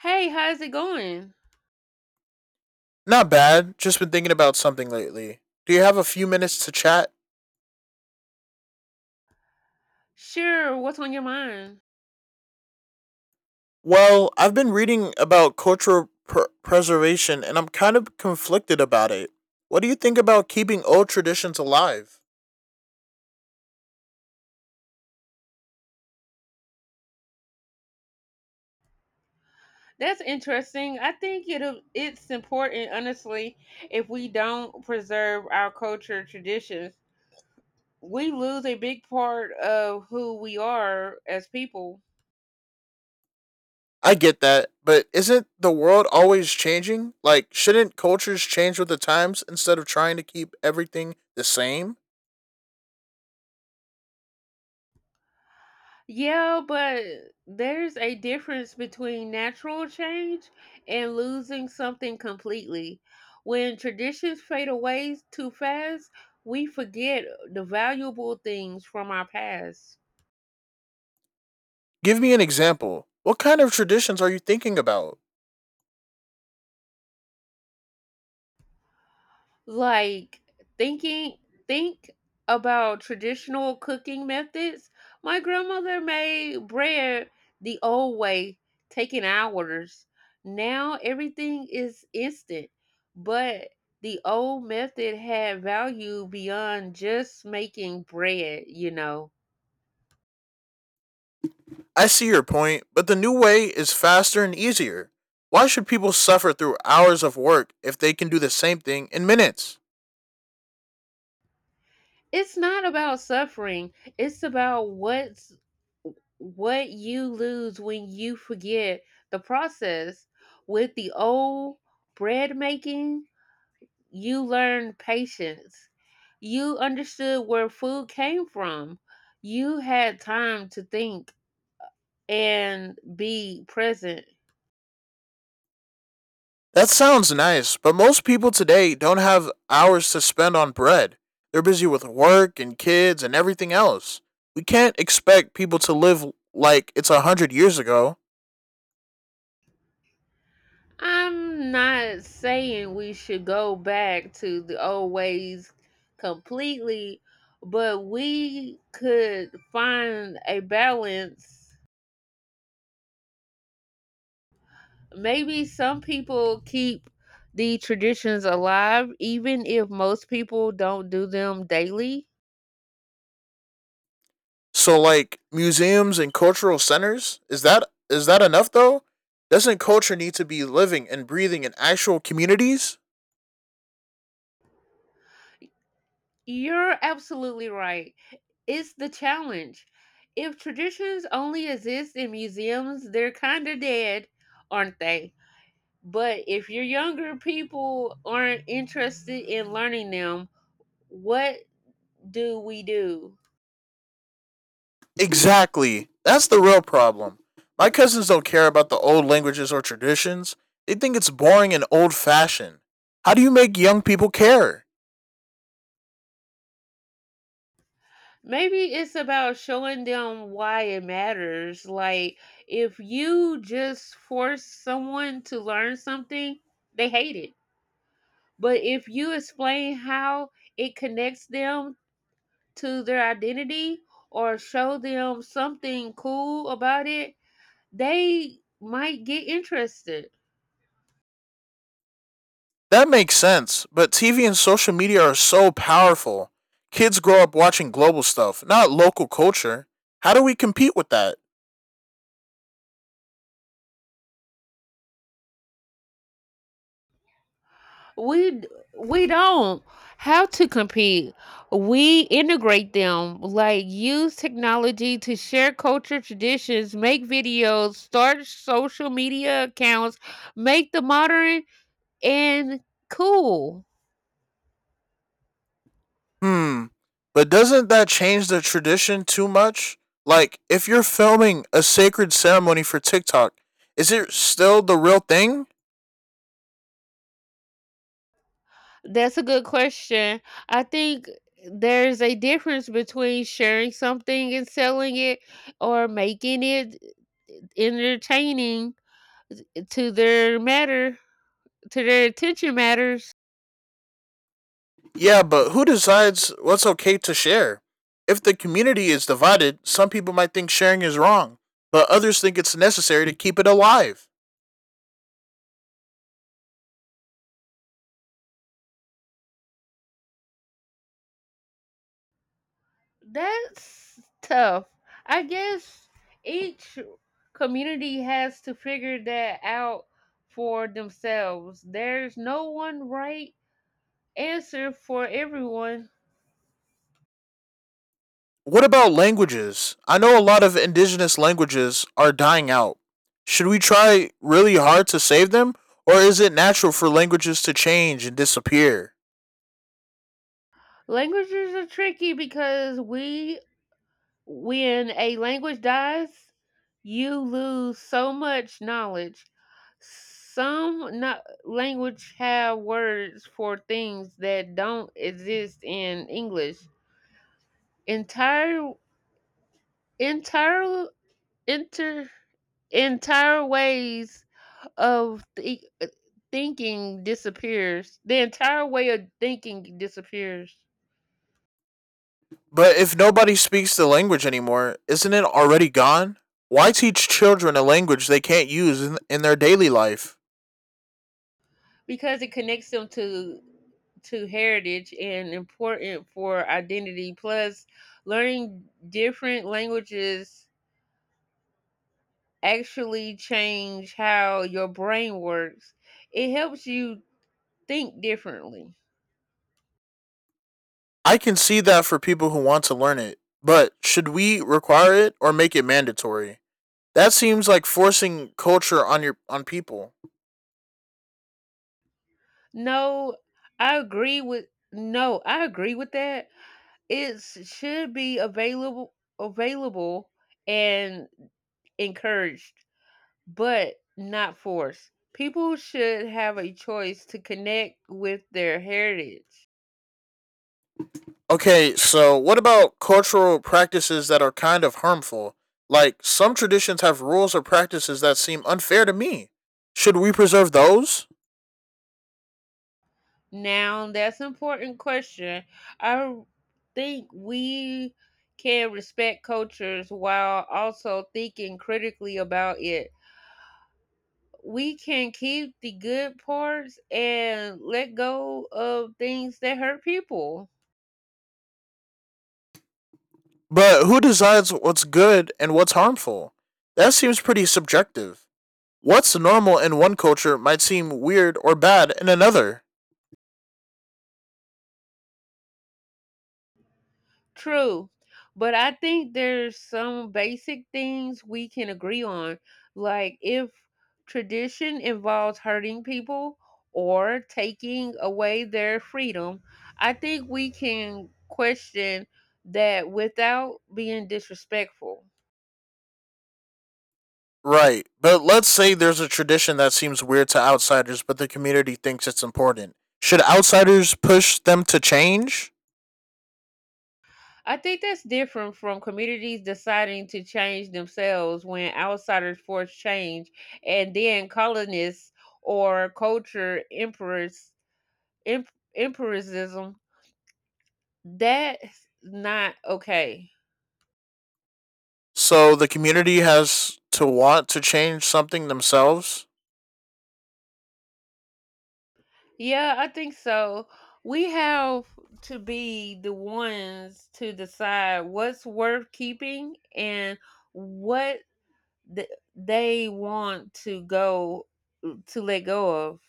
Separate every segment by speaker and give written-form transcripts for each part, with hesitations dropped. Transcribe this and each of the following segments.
Speaker 1: Hey, how's it going?
Speaker 2: Not bad. Just been thinking about something lately. Do you have a few minutes to chat?
Speaker 1: Sure, what's on your mind?
Speaker 2: Well, I've been reading about cultural preservation and I'm kind of conflicted about it. What do you think about keeping old traditions alive?
Speaker 1: That's interesting. I think it's important, honestly, if we don't preserve our culture traditions, we lose a big part of who we are as people.
Speaker 2: I get that, but isn't the world always changing? Like, shouldn't cultures change with the times instead of trying to keep everything the same?
Speaker 1: Yeah, but there's a difference between natural change and losing something completely. When traditions fade away too fast, we forget the valuable things from our past.
Speaker 2: Give me an example. What kind of traditions are you thinking about?
Speaker 1: like thinking think about traditional cooking methods. My grandmother made bread the old way, taking hours. Now everything is instant, but the old method had value beyond just making bread.
Speaker 2: I see your point, but the new way is faster and easier. Why should people suffer through hours of work if they can do the same thing in minutes?
Speaker 1: It's not about suffering. It's about what you lose when you forget the process. With the old bread making, you learned patience. You understood where food came from. You had time to think and be present.
Speaker 2: That sounds nice, but most people today don't have hours to spend on bread. They're busy with work and kids and everything else. We can't expect people to live like it's a hundred years ago.
Speaker 1: I'm not saying we should go back to the old ways completely, but we could find a balance. Maybe some people keep the traditions alive, even if most people don't do them daily.
Speaker 2: So like museums and cultural centers? Is that enough though? Doesn't culture need to be living and breathing in actual communities?
Speaker 1: You're absolutely right. It's the challenge. If traditions only exist in museums, they're kind of dead, aren't they? But if your younger people aren't interested in learning them, what do we do?
Speaker 2: Exactly. That's the real problem. My cousins don't care about the old languages or traditions. They think it's boring and old fashioned. How do you make young people care?
Speaker 1: Maybe it's about showing them why it matters. Like, if you just force someone to learn something, they hate it. But if you explain how it connects them to their identity or show them something cool about it, they might get interested.
Speaker 2: That makes sense, but TV and social media are so powerful. Kids grow up watching global stuff, not local culture. How do we compete with that?
Speaker 1: We we don't have to compete. We integrate them, like use technology to share culture traditions, make videos, start social media accounts, make the modern and cool.
Speaker 2: Hmm. But doesn't that change the tradition too much? Like, if you're filming a sacred ceremony for TikTok, is it still the real thing?
Speaker 1: That's a good question. I think there's a difference between sharing something and selling it or making it entertaining to their matter, to their attention matters.
Speaker 2: Yeah, but who decides what's okay to share? If the community is divided, some people might think sharing is wrong, but others think it's necessary to keep it alive.
Speaker 1: That's tough. I guess each community has to figure that out for themselves. There's no one right answer for everyone.
Speaker 2: What about languages? I know a lot of indigenous languages are dying out. Should we try really hard to save them, or is it natural for languages to change and disappear?
Speaker 1: Languages are tricky because we when a language dies, you lose so much knowledge. Some language have words for things that don't exist in English. Entire, entire, inter, entire ways of thinking disappears. The entire way of thinking disappears.
Speaker 2: But if nobody speaks the language anymore, isn't it already gone? Why teach children a language they can't use in their daily life?
Speaker 1: Because it connects them to heritage and important for identity, plus learning different languages actually change how your brain works. It helps you think differently.
Speaker 2: I can see that for people who want to learn it, but should we require it or make it mandatory? That seems like forcing culture on people.
Speaker 1: no i agree with no, I agree with that. It should be available, available and encouraged, but not forced. People should have a choice to connect with their heritage.
Speaker 2: Okay, so what about cultural practices that are kind of harmful? Like some traditions have rules or practices that seem unfair to me. Should we preserve those?
Speaker 1: Now, that's an important question. I think we can respect cultures while also thinking critically about it. We can keep the good parts and let go of things that hurt people.
Speaker 2: But who decides what's good and what's harmful? That seems pretty subjective. What's normal in one culture might seem weird or bad in another.
Speaker 1: True. But I think there's some basic things we can agree on. Like if tradition involves hurting people or taking away their freedom, I think we can question that without being disrespectful.
Speaker 2: Right. But let's say there's a tradition that seems weird to outsiders, but the community thinks it's important. Should outsiders push them to change?
Speaker 1: I think that's different from communities deciding to change themselves. When outsiders force change, and then colonists or culture emperors, em- empirism, that's not okay.
Speaker 2: So the community has to want to change something themselves?
Speaker 1: Yeah, I think so. We have to be the ones to decide what's worth keeping and what th- they want to go to let go of.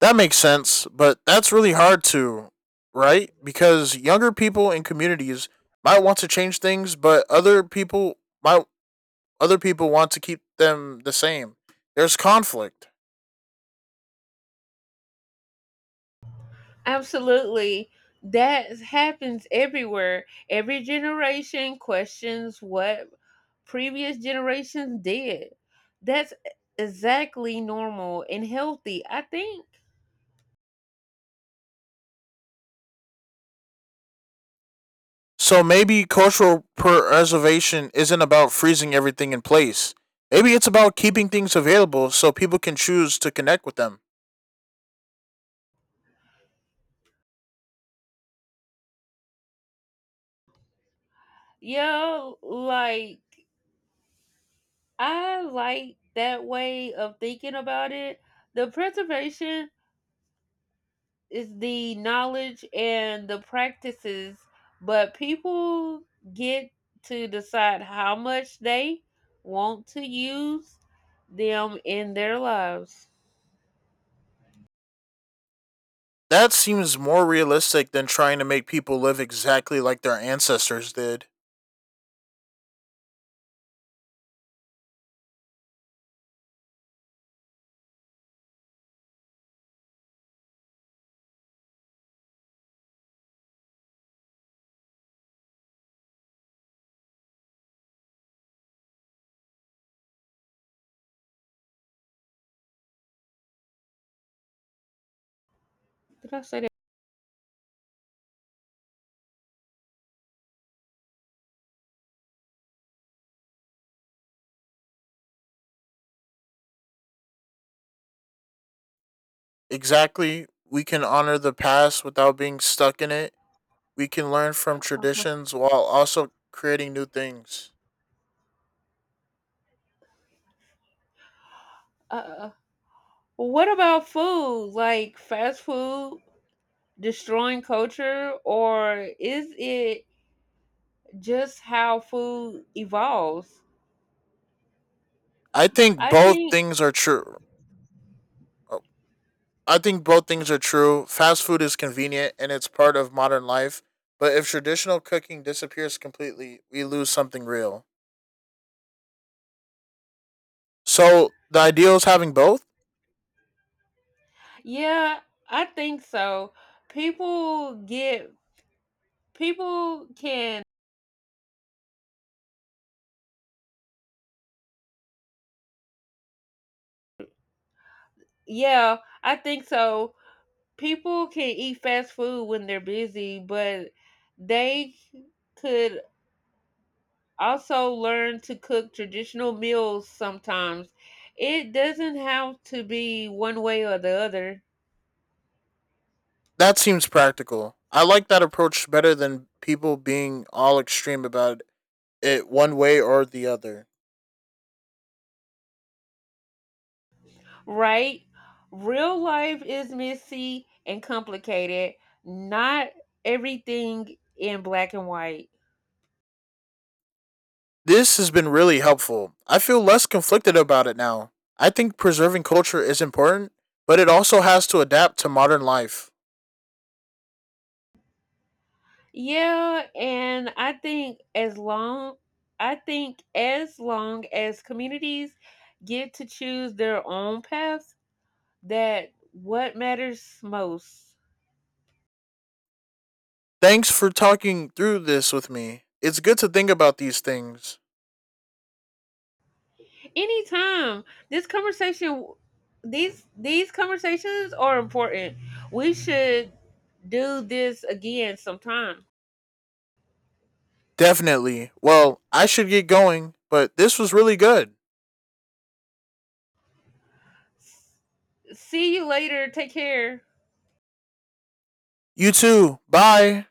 Speaker 2: That makes sense, but that's really hard to, right? Because younger people in communities might want to change things, but other people might other people want to keep them the same. There's conflict.
Speaker 1: Absolutely. That happens everywhere. Every generation questions what previous generations did. That's exactly normal and healthy, I think.
Speaker 2: So maybe cultural preservation isn't about freezing everything in place. Maybe it's about keeping things available so people can choose to connect with them.
Speaker 1: Yeah, like I like that way of thinking about it. The preservation is the knowledge and the practices, but people get to decide how much they want to use them in their lives.
Speaker 2: That seems more realistic than trying to make people live exactly like their ancestors did.
Speaker 1: Did I say that?
Speaker 2: Exactly, we can honor the past without being stuck in it. We can learn from
Speaker 1: Uh,
Speaker 2: traditions while also creating new things.
Speaker 1: uh, uh. Well, what about food? Like, fast food destroying culture, or is it just how food evolves?
Speaker 2: I think
Speaker 1: I
Speaker 2: both
Speaker 1: think,
Speaker 2: things are true I think both things are true. Fast food is convenient and it's part of modern life, but if traditional cooking disappears completely, we lose something real. So the ideal is having both?
Speaker 1: yeah, I think so. People get, people can, yeah, I think so. People can eat fast food when they're busy, but they could also learn to cook traditional meals sometimes. It doesn't have to be one way or the other,
Speaker 2: That seems practical. I like that approach better than people being all extreme about it one way or the other.
Speaker 1: right? Real life is messy and complicated, not everything in black and white.
Speaker 2: This has been really helpful. I feel less conflicted about it now. I think preserving culture is important, but it also has to adapt to modern life.
Speaker 1: Yeah, and I think as long as communities get to choose their own paths, that what matters most.
Speaker 2: Thanks for talking through this with me. It's good to think about these things.
Speaker 1: Anytime. This conversation These conversations are important. We should do this again sometime.
Speaker 2: Definitely. Well, I should get going, but this was really good.
Speaker 1: S- See you later. Take care.
Speaker 2: You too. Bye.